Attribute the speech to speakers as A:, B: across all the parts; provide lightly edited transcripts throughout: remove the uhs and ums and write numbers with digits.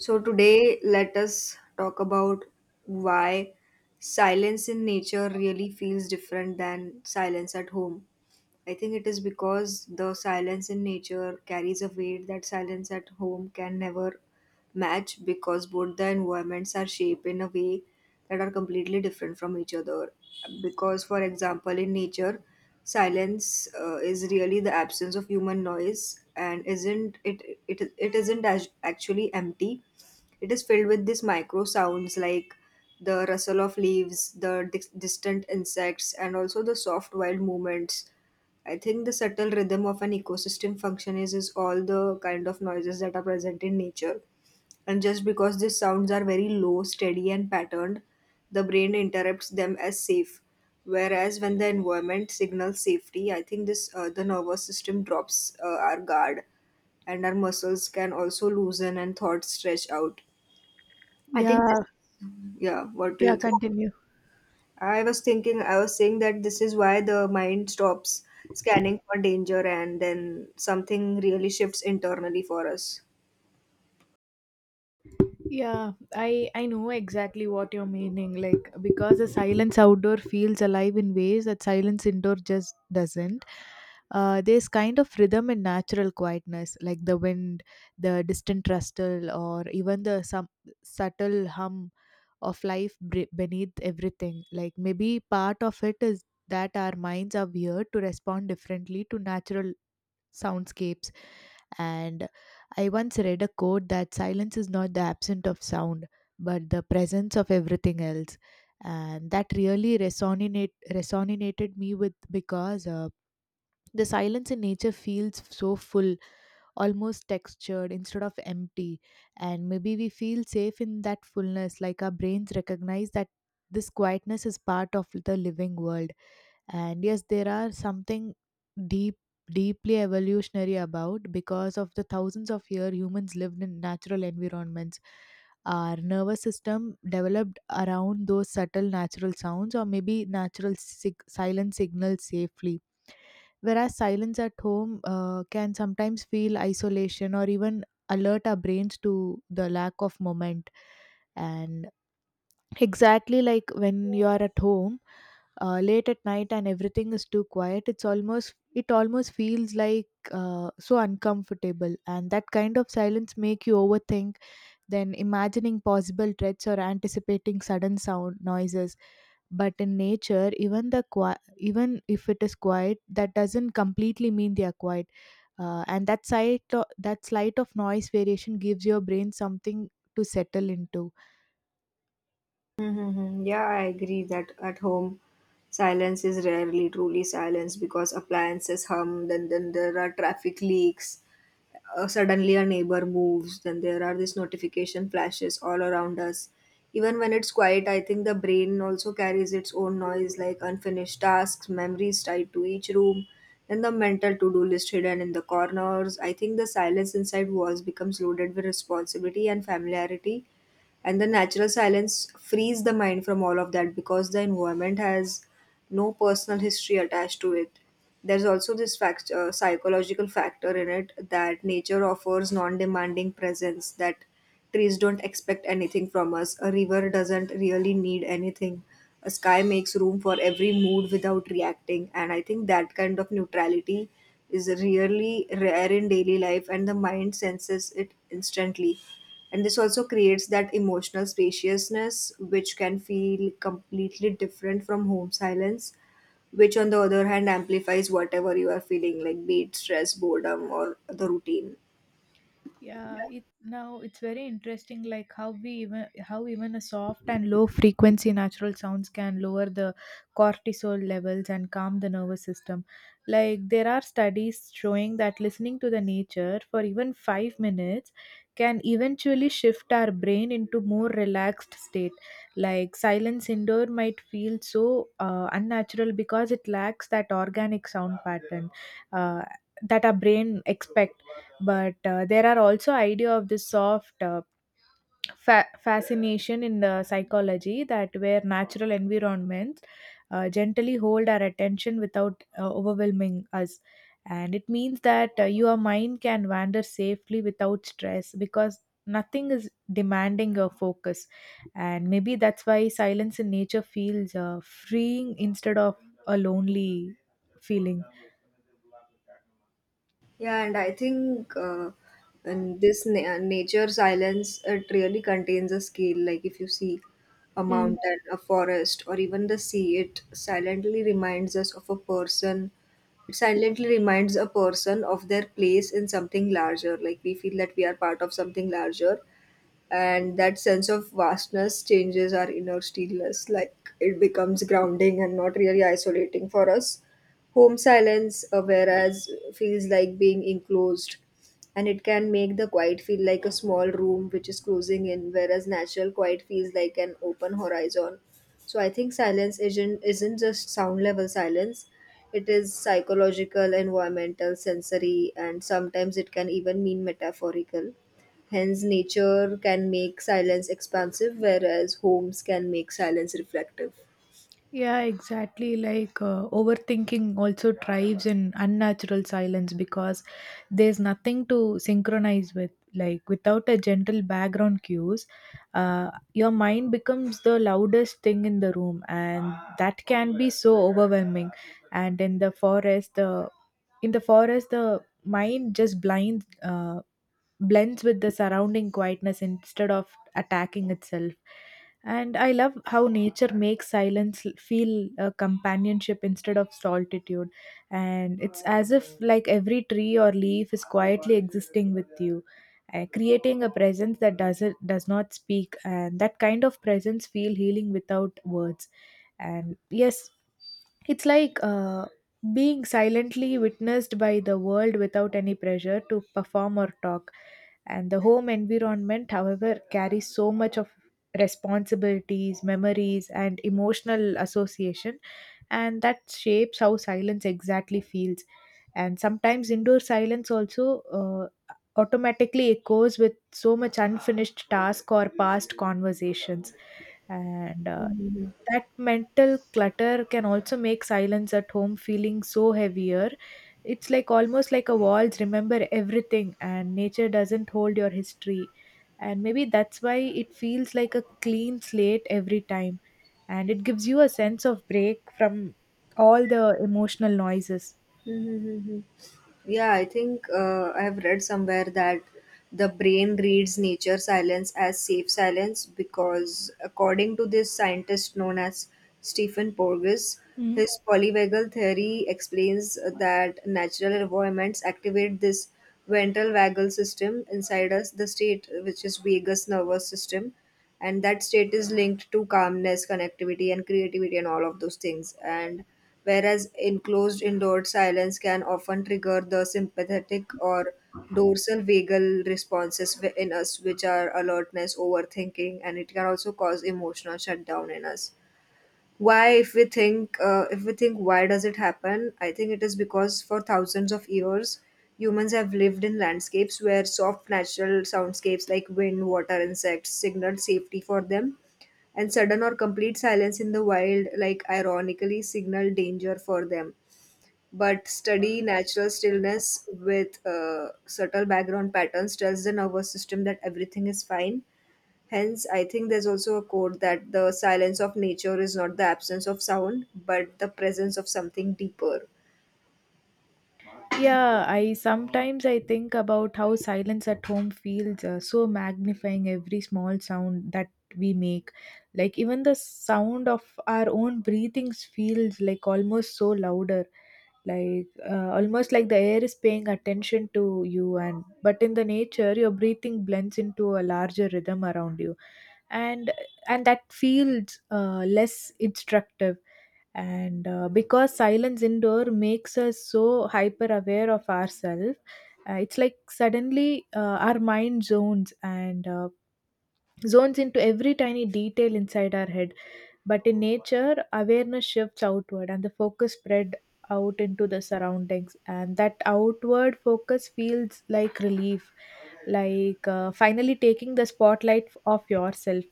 A: So, today, let us talk about why silence in nature really feels different than silence at home. I think it is because the silence in nature carries a weight that silence at home can never match because both the environments are shaped in a way that are completely different from each other. Because, for example, in nature, silence is really the absence of human noise and isn't it it, it isn't as actually empty, it is filled with these micro sounds like the rustle of leaves, the distant insects, and also the soft wild movements. I think the subtle rhythm of an ecosystem function is all the kind of noises that are present in nature. And just because these sounds are very low, steady, and patterned, the brain interprets them as safe. Whereas when the environment signals safety, I think this the nervous system drops our guard, and our muscles can also loosen and thoughts stretch out. I think
B: yeah
A: this, yeah. What do
B: yeah,
A: you think?
B: continue.
A: I was thinking, I was saying that this is why the mind stops scanning for danger and then something really shifts internally for us.
B: Yeah, I know exactly what you're meaning. Like, because the silence outdoor feels alive in ways that silence indoor just doesn't. There's kind of rhythm and natural quietness, like the wind, the distant rustle, or even the some subtle hum of life beneath everything. Like maybe part of it is that our minds are weird to respond differently to natural soundscapes. And I once read a quote that silence is not the absence of sound, but the presence of everything else. And that really resonated me with, because the silence in nature feels so full, almost textured instead of empty. And maybe we feel safe in that fullness, like our brains recognize that this quietness is part of the living world, and yes, there are something deep, deeply evolutionary about, because of the thousands of years humans lived in natural environments, our nervous system developed around those subtle natural sounds, or maybe natural silent signals safely. Whereas silence at home can sometimes feel isolation or even alert our brains to the lack of moment. And exactly, like when you are at home late at night and everything is too quiet, it's almost, it almost feels like so uncomfortable, and that kind of silence make you overthink, then imagining possible threats or anticipating sudden sound noises. But in nature, even the even if it is quiet, that doesn't completely mean they are quiet. And that that slight of noise variation gives your brain something to settle into.
A: Mm-hmm. Yeah, I agree that at home, silence is rarely truly silence because appliances hum, then there are traffic leaks, suddenly a neighbor moves, then there are these notification flashes all around us, even when it's quiet. I think the brain also carries its own noise, like unfinished tasks, memories tied to each room, and the mental to-do list hidden in the corners. I think the silence inside walls becomes loaded with responsibility and familiarity, and the natural silence frees the mind from all of that because the environment has no personal history attached to it. There's also this fact, psychological factor in it, that nature offers non-demanding presence, that trees don't expect anything from us, a river doesn't really need anything, a sky makes room for every mood without reacting. And I think that kind of neutrality is really rare in daily life, and the mind senses it instantly. And this also creates that emotional spaciousness, which can feel completely different from home silence, which on the other hand amplifies whatever you are feeling, like be it stress, boredom, or the routine.
B: Yeah, it now it's very interesting, like how we even, how even a soft and low frequency natural sounds can lower the cortisol levels and calm the nervous system. Like, there are studies showing that listening to the nature for even 5 minutes can eventually shift our brain into more relaxed state. Like silence indoor might feel so unnatural because it lacks that organic sound pattern. Uh, that our brain expects. But there are also idea of this soft fascination in the psychology, that where natural environments gently hold our attention without overwhelming us. And it means that your mind can wander safely without stress, because nothing is demanding your focus. And maybe that's why silence in nature feels freeing instead of a lonely feeling.
A: Yeah, and I think and this nature silence, it really contains a skill. Like if you see a mountain, a forest, or even the sea, it silently reminds us of a person. It silently reminds a person of their place in something larger. Like we feel that we are part of something larger, and that sense of vastness changes our inner stillness, like it becomes grounding and not really isolating for us. Home silence, whereas, feels like being enclosed, and it can make the quiet feel like a small room which is closing in, whereas natural quiet feels like an open horizon. So I think silence isn't just sound level silence, it is psychological, environmental, sensory, and sometimes it can even mean metaphorical. Hence, nature can make silence expansive, whereas homes can make silence reflective.
B: Yeah, exactly. Like, overthinking also thrives in unnatural silence, because there's nothing to synchronize with. Like, without a gentle background cues, your mind becomes the loudest thing in the room, and that can be so overwhelming. And in the forest, the mind just blind blends with the surrounding quietness instead of attacking itself. And I love how nature makes silence feel a companionship instead of solitude. And it's as if, like, every tree or leaf is quietly existing with you, creating a presence that does not speak. And that kind of presence feel healing without words. And yes, it's like being silently witnessed by the world, without any pressure to perform or talk. And the home environment, however, carries so much of responsibilities, memories, and emotional association, and that shapes how silence exactly feels. And sometimes indoor silence also automatically echoes with so much unfinished task or past conversations, and
A: Mhm.
B: that mental clutter can also make silence at home feeling so heavier. It's like, almost like a walls remember everything, and nature doesn't hold your history. And maybe that's why it feels like a clean slate every time, and it gives you a sense of break from all the emotional noises.
A: Mm-hmm. Yeah, I think I have read somewhere that the brain reads nature silence as safe silence because, according to this scientist known as Stephen Porges, his polyvagal theory explains that natural environments activate this ventral vagal system inside us, the state which is vagus nervous system, and that state is linked to calmness, connectivity, and creativity, and all of those things. And whereas enclosed indoor silence can often trigger the sympathetic or dorsal vagal responses in us, which are alertness, overthinking, and it can also cause emotional shutdown in us. Why, if we think why does it happen? I think it is because for thousands of years, humans have lived in landscapes where soft natural soundscapes like wind, water, insects signaled safety for them, and sudden or complete silence in the wild, like, ironically signal danger for them. But study natural stillness with subtle background patterns tells the nervous system that everything is fine. Hence, I think there's also a quote that the silence of nature is not the absence of sound, but the presence of something deeper.
B: Yeah, I sometimes I think about how silence at home feels so magnifying every small sound that we make. Like, even the sound of our own breathings feels like almost so louder. Like, almost like the air is paying attention to you. And but in the nature, your breathing blends into a larger rhythm around you, and and that feels less instructive. And because silence indoor makes us so hyper aware of ourselves, it's like, suddenly, our mind zones and zones into every tiny detail inside our head. But in nature, awareness shifts outward and the focus spread out into the surroundings, and that outward focus feels like relief. Like, finally taking the spotlight off yourself.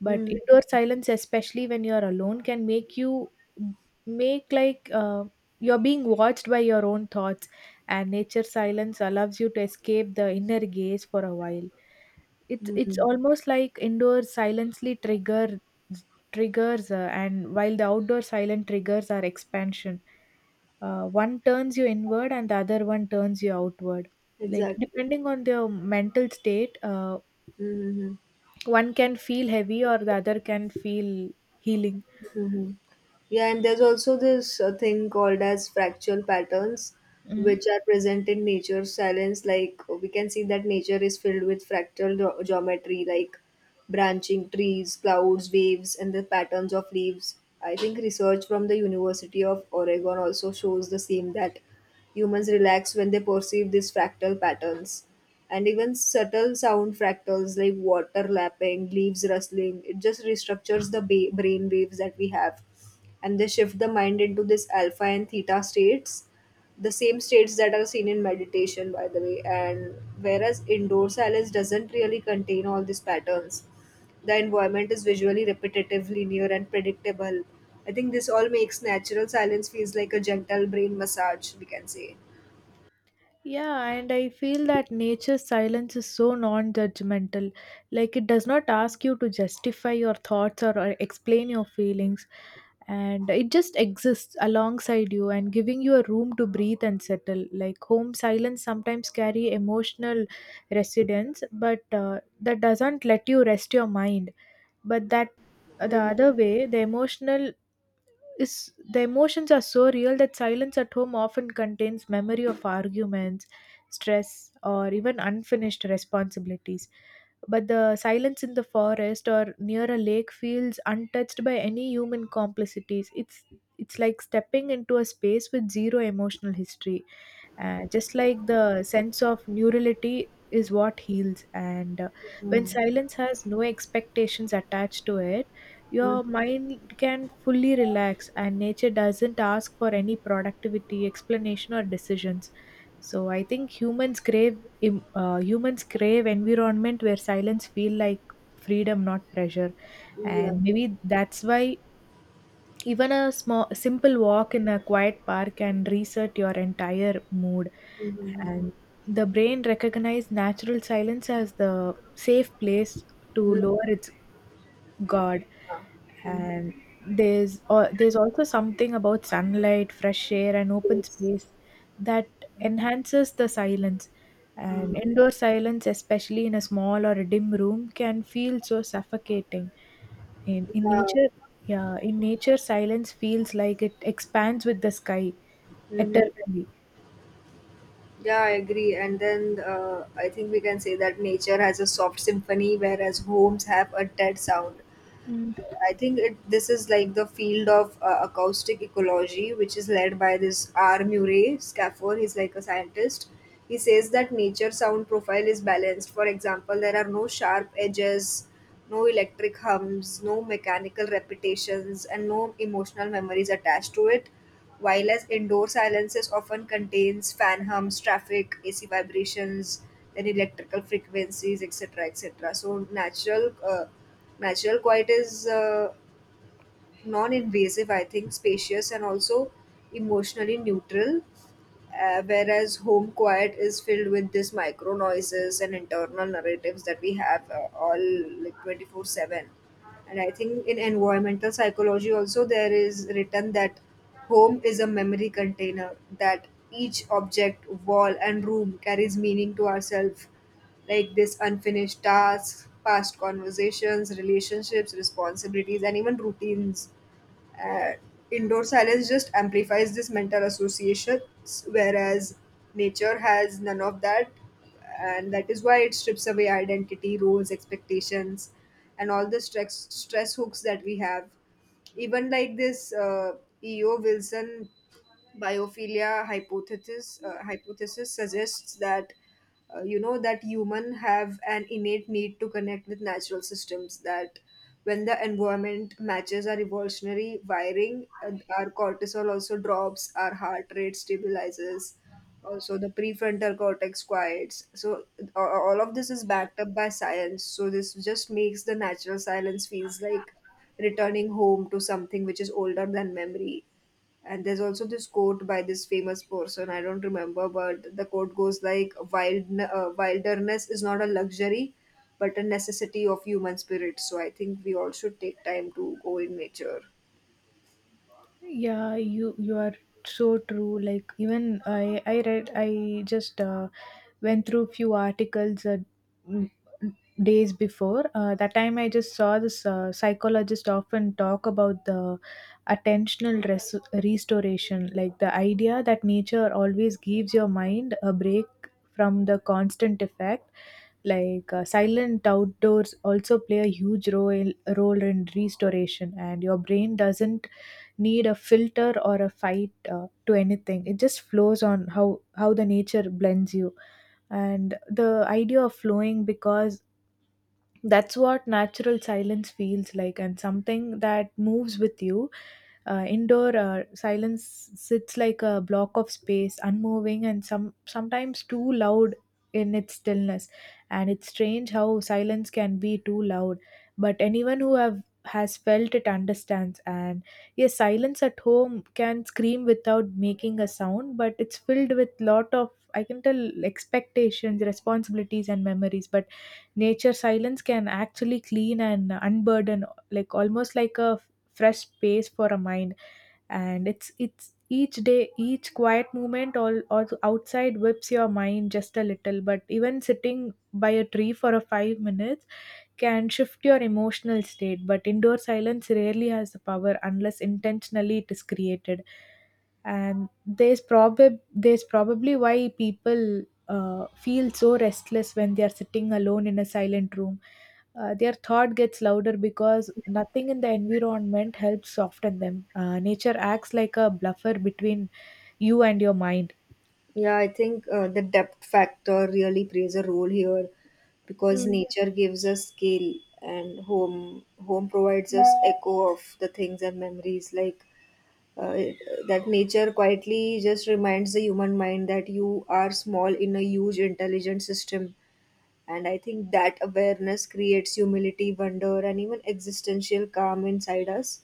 B: But
A: Mm-hmm.
B: indoor silence, especially when you're alone, can make you make like you're being watched by your own thoughts. And nature silence allows you to escape the inner gaze for a while. It's
A: Mm-hmm.
B: almost like indoor silently trigger triggers, and while the outdoor silent triggers are expansion, one turns you inward and the other one turns you outward. Like,
A: Exactly.
B: depending on their mental state,
A: Mm-hmm.
B: one can feel heavy or the other can feel healing.
A: Mm-hmm. Yeah, and there's also this thing called as fractal patterns,
B: Mm.
A: which are present in nature's silence. Like we can see that nature is filled with fractal geometry, like branching trees, clouds, waves, and the patterns of leaves. I think research from the University of Oregon also shows the same, that humans relax when they perceive these fractal patterns. And even subtle sound fractals like water lapping, leaves rustling, it just restructures the brain waves that we have, and they shift the mind into this alpha and theta states, the same states that are seen in meditation, by the way. And whereas indoor silence doesn't really contain all these patterns, the environment is visually repetitive, linear, and predictable. I think this all makes natural silence feels like a gentle brain massage, we can say.
B: Yeah, and I feel that nature's silence is so non-judgmental. Like, it does not ask you to justify your thoughts, or explain your feelings. And it just exists alongside you, and giving you a room to breathe and settle. Like, home silence sometimes carry emotional residence, but that doesn't let you rest your mind. But that, the
A: Mhm.
B: other way, the emotional, is the emotions are so real that silence at home often contains memory of arguments, stress, or even unfinished responsibilities. But the silence in the forest or near a lake feels untouched by any human complicities. It's like stepping into a space with zero emotional history. Just like the sense of neurality is what heals. And when silence has no expectations attached to it, your mind can fully relax, and nature doesn't ask for any productivity explanation or decisions. So I think humans crave humans crave environment where silence feel like freedom, not pressure.
A: Yeah.
B: And maybe that's why even a small simple walk in a quiet park can reset your entire mood.
A: Mhm.
B: And the brain recognizes natural silence as the safe place to
A: Mhm. Mhm.
B: lower its god.
A: Yeah. Mhm.
B: And there's there's also something about sunlight, fresh air, and open
A: Yes.
B: space that enhances the silence.
A: Mhm.
B: And indoor silence, especially in a small or a dim room, can feel so suffocating. In
A: Yeah.
B: nature, yeah, in nature silence feels like it expands with the sky
A: Mhm.
B: eternally.
A: Yeah, I agree. And then I think we can say that nature has a soft symphony, whereas homes have a dead sound. I think it this is like the field of acoustic ecology, which is led by this R. Murray Schafer. He's like a scientist. He says that nature sound profile is balanced. For example, there are no sharp edges, no electric hums, no mechanical repetitions, and no emotional memories attached to it. While as indoor silences often contains fan hums, traffic, AC vibrations, then electrical frequencies, etc., etc. So natural. Natural quiet is non-invasive, I think, spacious, and also emotionally neutral. Whereas home quiet is filled with this micro noises and internal narratives that we have, all like 24/7. And I think in environmental psychology also there is written that home is a memory container, that each object, wall, and room carries meaning to ourselves, like this unfinished tasks, past conversations, relationships, responsibilities, and even routines. uh, Indoor silence just amplifies this mental associations, whereas nature has none of that. And that is why it strips away identity, roles, expectations, and all the stress hooks that we have. Even like this E.O. Wilson biophilia hypothesis suggests that you know that human have an innate need to connect with natural systems, that when the environment matches our evolutionary wiring, our cortisol also drops, our heart rate stabilizes, also the prefrontal cortex quiets. So all of this is backed up by science, so this just makes the natural silence feels like returning home to something which is older than memory. And there's also this quote by this famous person, I don't remember, but the quote goes like, Wild, wilderness is not a luxury, but a necessity of human spirit. So I think we all should take time to go in nature.
B: Yeah, you are so true. Like, even I read, I just went through few articles m- days before. That time I just saw this psychologist often talk about the attentional restoration. Like, the idea that nature always gives your mind a break from the constant effect. Like, silent outdoors also play a huge role in restoration, and your brain doesn't need a filter or a fight to anything. It just flows on how the nature blends you. And the idea of flowing, because that's what natural silence feels like, and something that moves with you. Indoor, silence sits like a block of space unmoving and some, sometimes too loud in its stillness. And it's strange how silence can be too loud, but anyone who have has felt it understands. And yes, silence at home can scream without making a sound, but it's filled with lot of I can tell expectations, responsibilities, and memories. But nature silence can actually clean and unburden, like almost like a fresh space for a mind. And it's each day, each quiet moment all outside whips your mind just a little. But even sitting by a tree for a 5 minutes can shift your emotional state. But indoor silence rarely has the power unless intentionally it is created. And there's probably why people feel so restless when they are sitting alone in a silent room. Their thought gets louder because nothing in the environment helps soften them. Nature acts like a bluffer between you and your mind.
A: Yeah, I think the depth factor really plays a role here because nature gives us scale, and home provides us echo of the things and memories, like uh, that nature quietly just reminds the human mind that you are small in a huge intelligent system. And I think that awareness creates humility, wonder, and even existential calm inside us.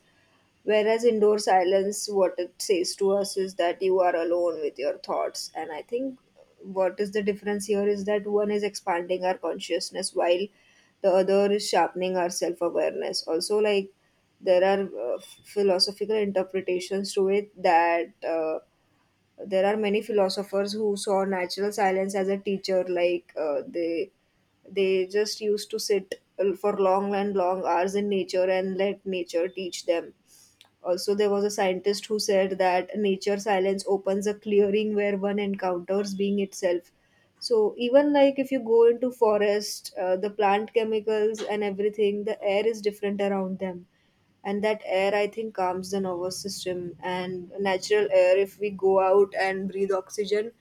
A: Whereas indoor silence, what it says to us is that you are alone with your thoughts. And I think what is the difference here is that one is expanding our consciousness while the other is sharpening our self awareness. Also, like there are philosophical interpretations to it, that there are many philosophers who saw natural silence as a teacher, like they just used to sit for long and long hours in nature and let nature teach them. Also, there was a scientist who said that nature silence opens a clearing where one encounters being itself. So even like if you go into forest, the plant chemicals and everything, the air is different around them, and that air, I think, calms the nervous system. And natural air, if we go out and breathe oxygen,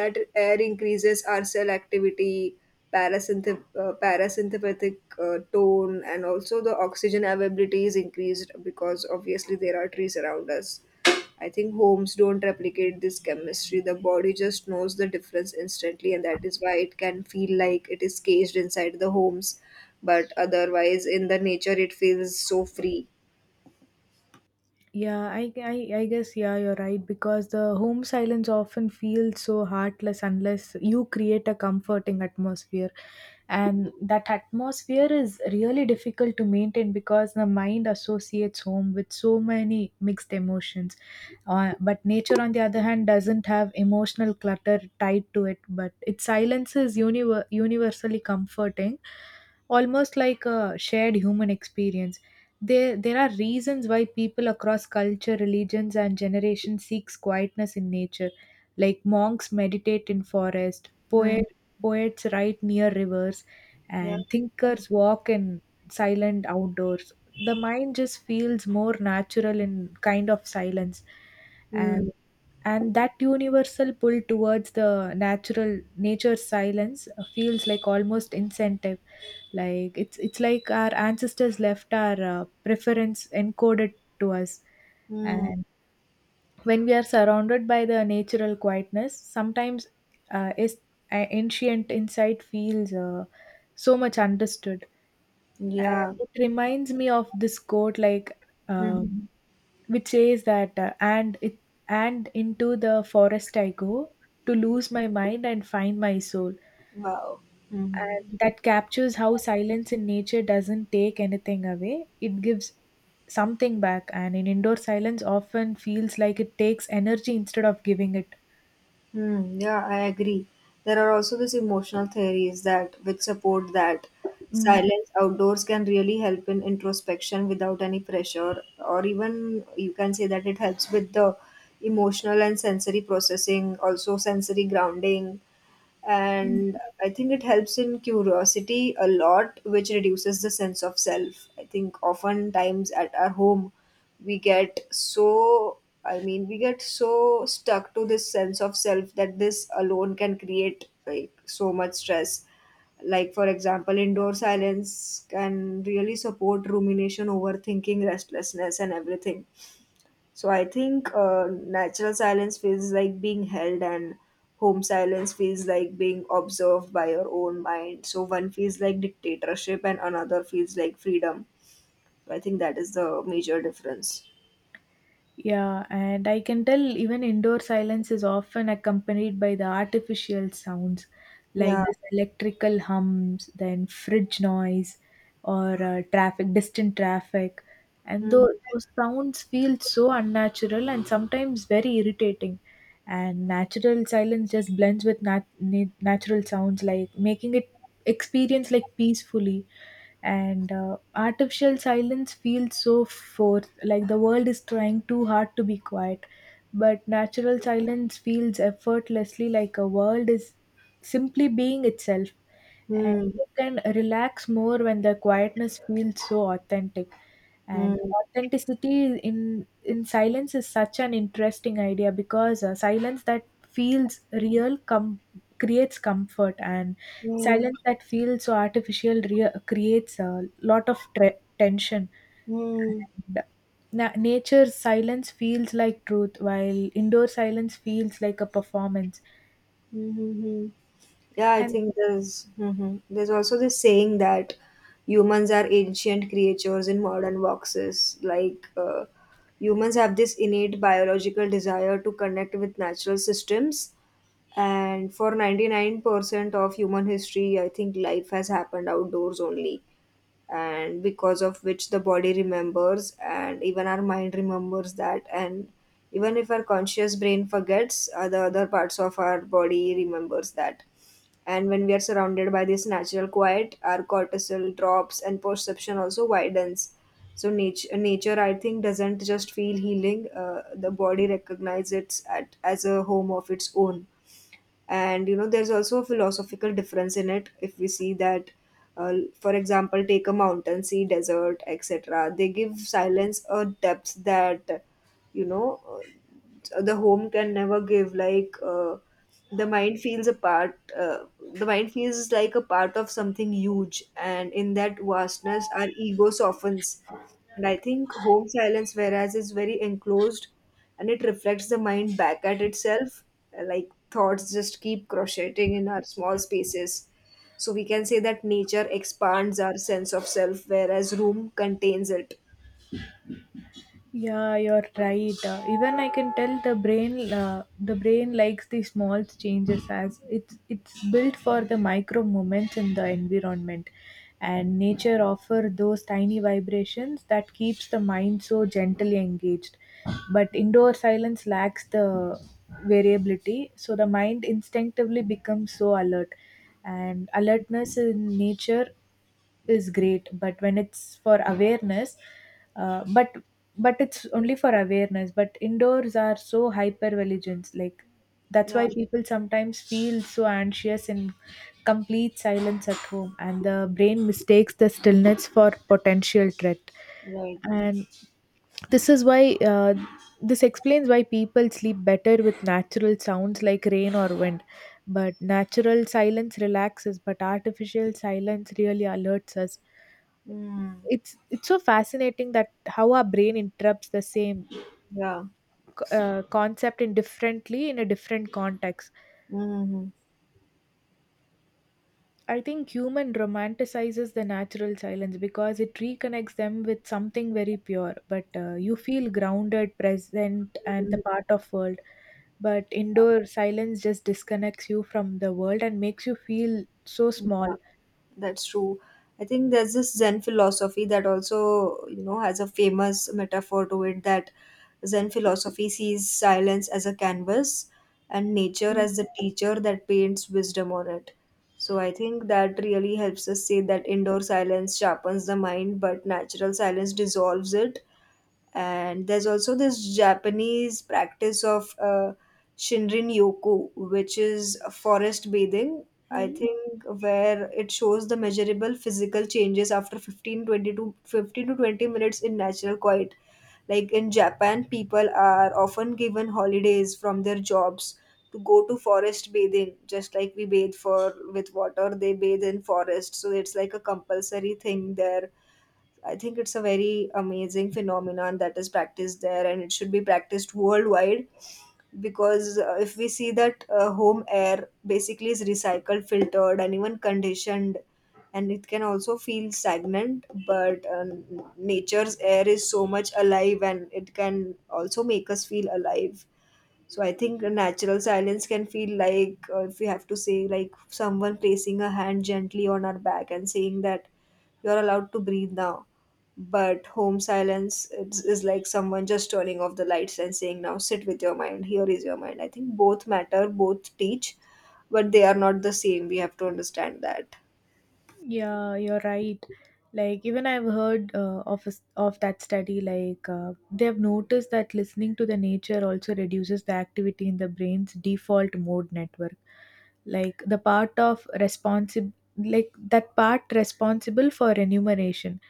A: that air increases our cell activity, parasympathetic tone, and also the oxygen availability is increased because obviously there are trees around us. I think homes don't replicate this chemistry. The body just knows the difference instantly, and that is why it can feel like it is caged inside the homes. But otherwise, in the nature, it feels so free.
B: Yeah, I guess, yeah, you're right, because the home silence often feels so heartless unless you create a comforting atmosphere. And that atmosphere is really difficult to maintain because the mind associates home with so many mixed emotions. But nature, on the other hand, doesn't have emotional clutter tied to it, but its silence is universally comforting, almost like a shared human experience. There are reasons why people across culture, religions, and generations seeks quietness in nature. Like, monks meditate in forest,
A: Hmm.
B: poets write near rivers,
A: Hmm.
B: and thinkers walk in silent outdoors. The mind just feels more natural in kind of silence,
A: Yeah. Hmm.
B: and and that universal pull towards the natural nature's silence feels like almost incentive, like it's like our ancestors left our preference encoded to us.
A: Hmm.
B: And when we are surrounded by the natural quietness, sometimes is ancient insight feels so much understood. And
A: Yeah.
B: it reminds me of this quote, uh,
A: Mhm.
B: which says that, and into the forest I go to lose my mind and find my soul.
A: Wow. Mhm.
B: And that captures how silence in nature doesn't take anything away; it gives something back. And in indoor silence, often feels like it takes energy instead of giving it.
A: Hmm, yeah, I agree. There are also these emotional theories that which support that
B: Mm.
A: silence outdoors can really help in introspection without any pressure, or even you can say that it helps with the emotional and sensory processing, also sensory grounding, and I think it helps in curiosity a lot, which reduces the sense of self. I think oftentimes at our home we get so— I mean we get so stuck to this sense of self that this alone can create like so much stress. Like, for example, indoor silence can really support rumination, overthinking, restlessness, and everything. So I think natural silence feels like being held, and home silence feels like being observed by your own mind. So one feels like dictatorship, and another feels like freedom. So I think that is the major difference.
B: Yeah, and I can tell even indoor silence is often accompanied by the artificial sounds, like
A: Yeah.
B: this electrical hums, then fridge noise, or traffic, distant traffic. And
A: Hmm.
B: those sounds feel so unnatural and sometimes very irritating. And natural silence just blends with natural sounds, like making it experience like peacefully, and artificial silence feels so forced, like the world is trying too hard to be quiet, but natural silence feels effortlessly like a world is simply being itself, and
A: Hmm.
B: you can relax more when the quietness feels so authentic. And
A: Hmm.
B: authenticity in silence is such an interesting idea, because silence that feels creates comfort, and
A: Hmm.
B: silence that feels so artificial creates a lot of tension.
A: Mm.
B: And nature's silence feels like truth, while indoor silence feels like a performance.
A: Mm-hmm. Yeah, I
B: And
A: think there's— there's also this saying that humans are ancient creatures in modern boxes. Like, humans have this innate biological desire to connect with natural systems, and for 99% of human history, I think life has happened outdoors only, and because of which the body remembers, and even our mind remembers that. And even if our conscious brain forgets, the other parts of our body remembers that. And when we are surrounded by this natural quiet, our cortisol drops and perception also widens. So nature I think doesn't just feel healing. The body recognizes it as a home of its own. And you know, there's also a philosophical difference in it, if we see that uh, for example, take a mountain, sea, desert, etc. They give silence a depth that, you know, the home can never give. Like the mind feels a part uh, the mind feels like a part of something huge, and in that vastness our ego softens. And I think home silence, whereas, is very enclosed, and it reflects the mind back at itself. Like, thoughts just keep crocheting in our small spaces. So we can say that nature expands our sense of self, whereas room contains it.
B: yeah, you're right. Even I can tell the brain, the brain likes the small changes, as it's built for the micro moments in the environment, and nature offer those tiny vibrations that keeps the mind so gently engaged. But indoor silence lacks the variability, so the mind instinctively becomes so alert, and alertness in nature is great, but when it's for awareness uh, but but it's only for awareness. But indoors are so hyper vigilant, like that's
A: Yeah,
B: why people sometimes feel so anxious in complete silence at home, and the brain mistakes the stillness for potential threat.
A: right.
B: And this is why uh, this explains why people sleep better with natural sounds like rain or wind. But natural silence relaxes, but artificial silence really alerts us.
A: Mm.
B: It's so fascinating that how our brain interrupts the same
A: Yeah.
B: concept in differently in a different context.
A: Mm-hmm.
B: I think human romanticizes the natural silence because it reconnects them with something very pure, but you feel grounded, present, and the part of world. But indoor silence just disconnects you from the world and makes you feel so small.
A: Yeah, that's true. I think there's this Zen philosophy that also, you know, has a famous metaphor to it, that Zen philosophy sees silence as a canvas and nature as the teacher that paints wisdom on it. So I think that really helps us say that indoor silence sharpens the mind, but natural silence dissolves it. And there's also this Japanese practice of shinrin yoku, which is forest bathing. I
B: Mhm.
A: think, where it shows the measurable physical changes after 15, 20 to 15 to 20 minutes in natural quiet. Like, in Japan, people are often given holidays from their jobs to go to forest bathing. Just like we bathe for— with water, they bathe in forest. So it's like a compulsory thing there. I think it's a very amazing phenomenon that is practiced there, and it should be practiced worldwide, because if we see that, home air basically is recycled, filtered, and even conditioned, and it can also feel stagnant. But nature's air is so much alive, and it can also make us feel alive. So I think a natural silence can feel like, if we have to say, like someone placing a hand gently on our back and saying that you're allowed to breathe now. But home silence is like someone just turning off the lights and saying, now sit with your mind, here is your mind. I think both matter, both teach, but they are not the same. We have to understand that.
B: Yeah, you're right. Like even I've heard of a s of that study. Like they've noticed that listening to the nature also reduces the activity in the brain's default mode network. Like the part of responsible, like that part responsible for enumeration,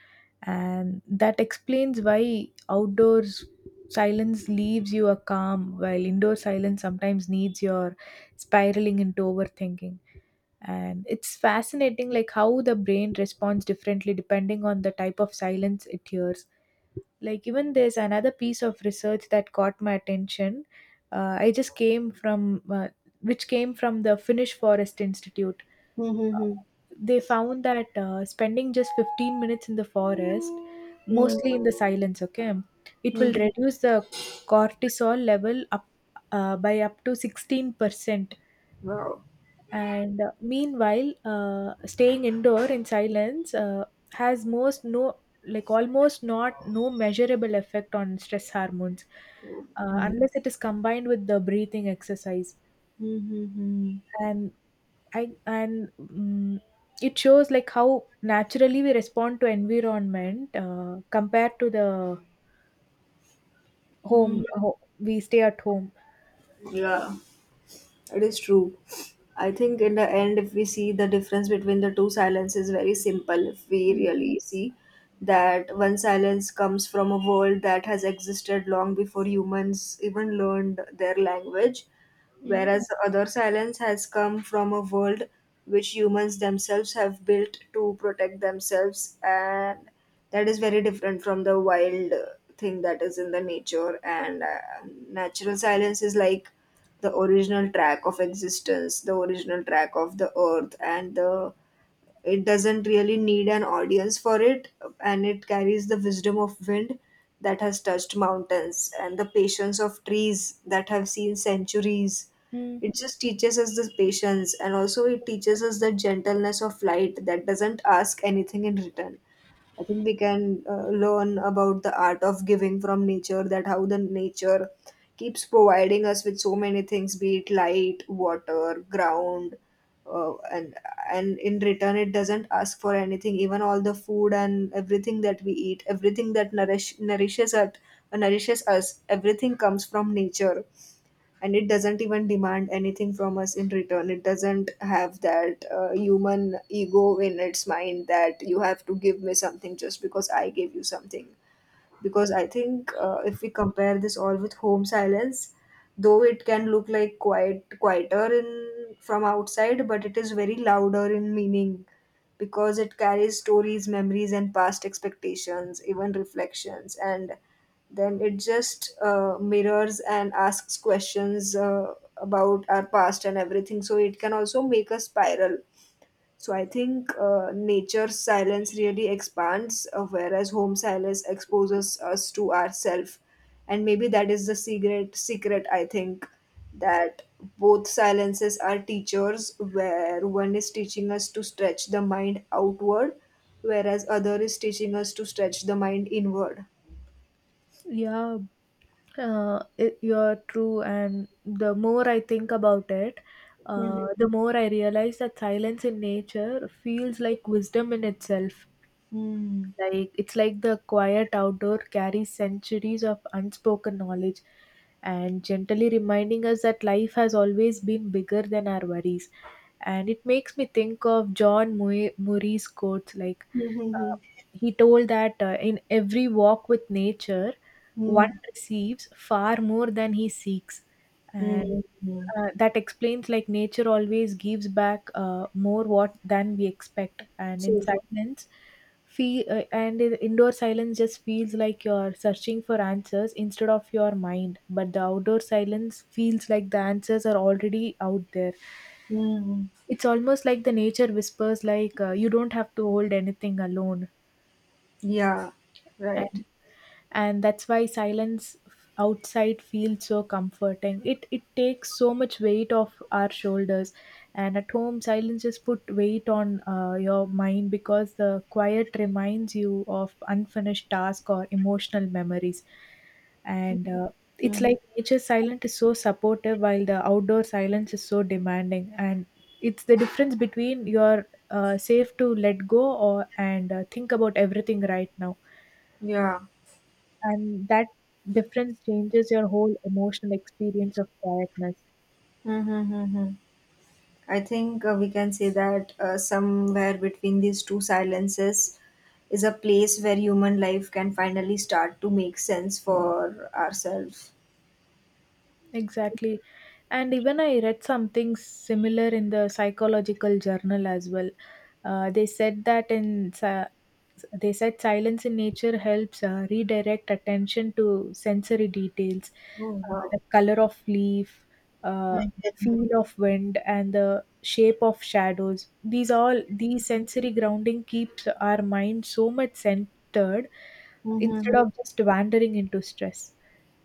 B: and that explains why outdoors silence leaves you a calm, while indoor silence sometimes needs your spiraling into overthinking. And it's fascinating like how the brain responds differently depending on the type of silence it hears. Like even there's another piece of research that caught my attention. I just came from Which came from the finnish forest institute.
A: Hmm, hmm,
B: They found that spending just 15 minutes in the forest,
A: hmm.
B: mostly
A: Hmm,
B: in the silence, okay, it will
A: hmm, hmm.
B: reduce the cortisol level up by up to 16%.
A: Wow.
B: And meanwhile staying indoor in silence has most no, like almost not no measurable effect on stress hormones,
A: Hmm.
B: unless it is combined with the breathing exercise.
A: Hmm, hmm,
B: And i and mm it shows like how naturally we respond to environment compared to the
A: hmm.
B: home we stay at home.
A: It is true. I think in the end, if we see, the difference between the two silence is very simple. If we
B: Mm,
A: really see that one silence comes from a world that has existed long before humans even learned their language,
B: mm,
A: whereas the other silence has come from a world which humans themselves have built to protect themselves, and that is very different from the wild thing that is in the nature. And natural silence is like the original track of existence, the original track of the earth, and the it doesn't really need an audience for it, and it carries the wisdom of wind that has touched mountains and the patience of trees that have seen centuries.
B: mm.
A: It just teaches us the patience, and also it teaches us the gentleness of light that doesn't ask anything in return. I think we can learn about the art of giving from nature, that how the nature keeps providing us with so many things, be it light, water, ground, uh, and and in return, it doesn't ask for anything. Even all the food and everything that we eat, everything that nourishes us, everything comes from nature, and it doesn't even demand anything from us in return. It doesn't have that human ego in its mind that you have to give me something just because I gave you something. Because I think if we compare this all with home silence, though it can look like quieter in— from outside, but it is very louder in meaning, because it carries stories, memories, and past expectations, even reflections. And then it just mirrors and asks questions about our past and everything. So it can also make us spiral. So I think nature's silence really expands, whereas home silence exposes us to ourself. And maybe that is the secret. Secret, I think, that both silences are teachers, where one is teaching us to stretch the mind outward, whereas other is teaching us to stretch the mind inward.
B: Yeah. It, you're true, and the more I think about it,
A: Mhm.
B: the more I realize that silence in nature feels like wisdom in itself.
A: Hmm.
B: Like it's like the quiet outdoor carries centuries of unspoken knowledge and gently reminding us that life has always been bigger than our worries. And it makes me think of John Murray's quotes like uh,
A: Mhm.
B: he told that in every walk with nature, one
A: Hmm.
B: receives far more than he seeks.
A: Hmm.
B: And
A: Hmm.
B: that explains like nature always gives back more what than we expect, and in
A: So true.
B: silence feel and indoor silence just feels like you're searching for answers instead of your mind, but the outdoor silence feels like the answers are already out there.
A: Hmm.
B: It's almost like the nature whispers, like you don't have to hold anything alone.
A: Yeah. Right.
B: And and that's why silence outside feels so comforting. It takes so much weight off our shoulders, and at home silence just put weight on your mind because the quiet reminds you of unfinished tasks or emotional memories. And it's like nature's silence is so supportive, while the outdoor silence is so demanding. And it's the difference between you're safe to let go or and think about everything right now.
A: Yeah.
B: And that difference changes your whole emotional experience of quietness.
A: Hmm. Hmm. Hmm. I think we can say that somewhere between these two silences is a place where human life can finally start to make sense for ourselves.
B: Exactly. And even I read something similar in the psychological journal as well. Uh, they said that in si- they said silence in nature helps redirect attention to sensory details,
A: Oh, wow.
B: the color of leaf, the feel of wind, and the shape of shadows. These all these sensory grounding keeps our mind so much centered
A: Mm-hmm.
B: instead of just wandering into stress,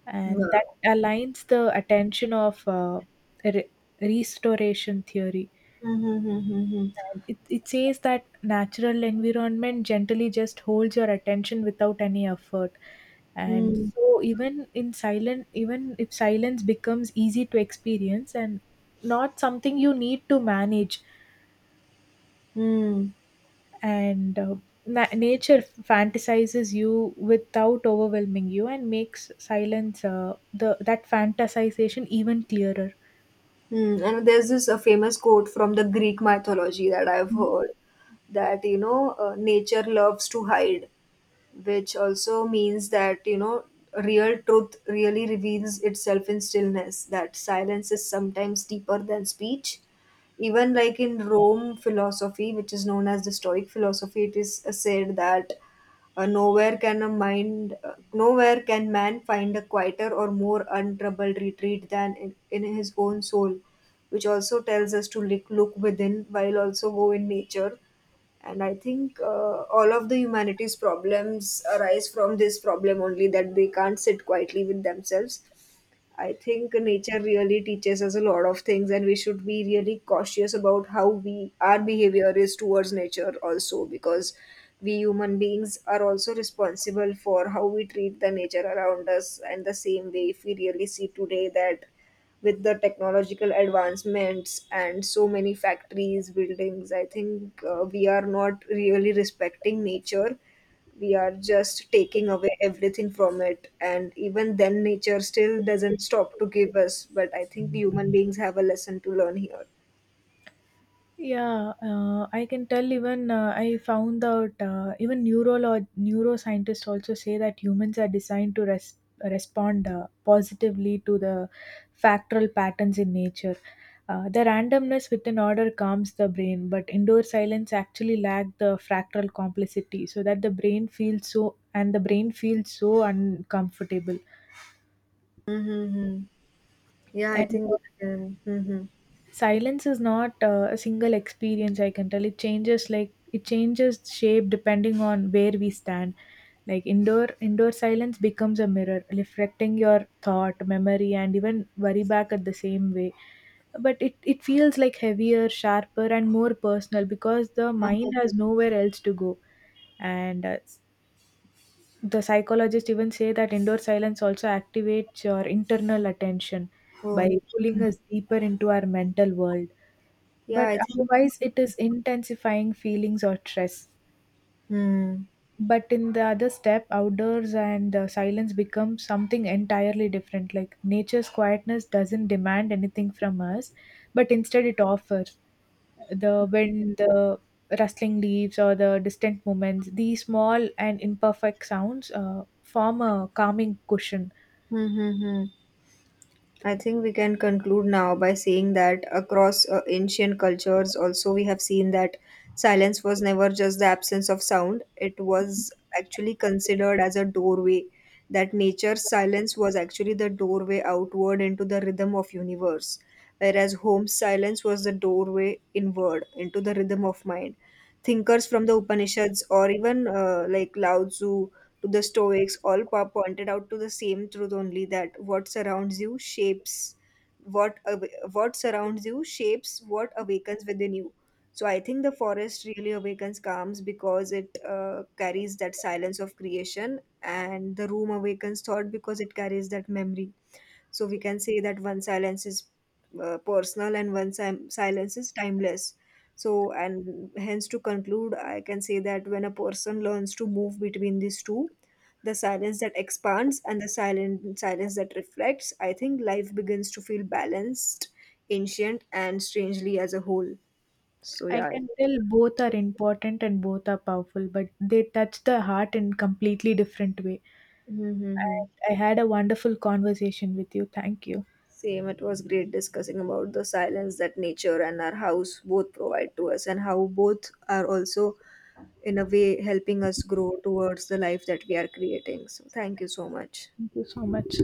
B: and
A: Wow.
B: aligns the attention of re- restoration theory.
A: Mm-hmm.
B: And it says that natural environment gently just holds your attention without any effort. And
A: Mm,
B: so even in silent, even if silence becomes easy to experience and not something you need to manage.
A: mm,
B: And nature fantasizes you without overwhelming you and makes silence the that fantasization even clearer.
A: mm. And there's this famous quote from the Greek mythology that I've heard, that, you know, nature loves to hide. Which also means that, you know, real truth really reveals itself in stillness, that silence is sometimes deeper than speech. Even like in Rome philosophy, which is known as the Stoic philosophy, it is said that nowhere can man find a quieter or more untroubled retreat than in his own soul, which also tells us to look within while also go in nature. And I think all of the humanities problems arise from this problem only, that they can't sit quietly with themselves. I think nature really teaches us a lot of things, and we should be really cautious about how we— our behavior is towards nature also, because we human beings are also responsible for how we treat the nature around us. And the same way, if we really see today, that with the technological advancements and so many factories, buildings, I think we are not really respecting nature. We are just taking away everything from it, and even then nature still doesn't stop to give us. But I think human beings have a lesson to learn here.
B: Yeah, I can tell even I found out even neurolog neuroscientists also say that humans are designed to respond positively to the factoral patterns in nature. The randomness within order calms the brain, but indoor silence actually lacks the fractal complexity, so that the brain feels so and the brain feels so uncomfortable.
A: Mm-hmm. Yeah, I
B: And
A: think— mm-hmm.
B: silence is not a single experience, I can tell. It changes like it changes shape depending on where we stand. Like indoor silence becomes a mirror, reflecting your thought, memory, and even worry back at the same way. But it feels like heavier, sharper, and more personal because the mind has nowhere else to go. And the psychologists even say that indoor silence also activates your internal attention by
A: Oh,
B: pulling us deeper into our mental world,
A: yeah,
B: but
A: I think—
B: otherwise it is intensifying feelings or stress. But in the other step outdoors and silence become something entirely different, like nature's quietness doesn't demand anything from us, but instead it offers the wind, the rustling leaves, or the distant movements. These small and imperfect sounds form a calming cushion.
A: mm-hmm. I think we can conclude now by saying that across ancient cultures, also, we have seen that silence was never just the absence of sound. It was actually considered as a doorway. That nature's silence was actually the doorway outward into the rhythm of universe, whereas home's silence was the doorway inward into the rhythm of mind. Thinkers from the Upanishads, or even like Lao Tzu, to the Stoics, all pointed out to the same truth only, that what surrounds you shapes— what surrounds you shapes what awakens within you. So I think the forest really awakens calms, because it carries that silence of creation, and the room awakens thought because it carries that memory. So we can say that one silence is personal, and one silence is timeless. So, and hence to conclude, I can say that when a person learns to move between these two, the silence that expands and the silent silence that reflects, I think life begins to feel balanced, ancient, and strangely as a whole. So,
B: I
A: yeah.
B: can tell both are important and both are powerful, but they touch the heart in completely different way.
A: Mm-hmm.
B: I had a wonderful conversation with you. Thank you.
A: Same, it was great discussing about the silence that nature and our house both provide to us, and how both are also, in a way, helping us grow towards the life that we are creating. So, thank you so much.
B: Thank you so much.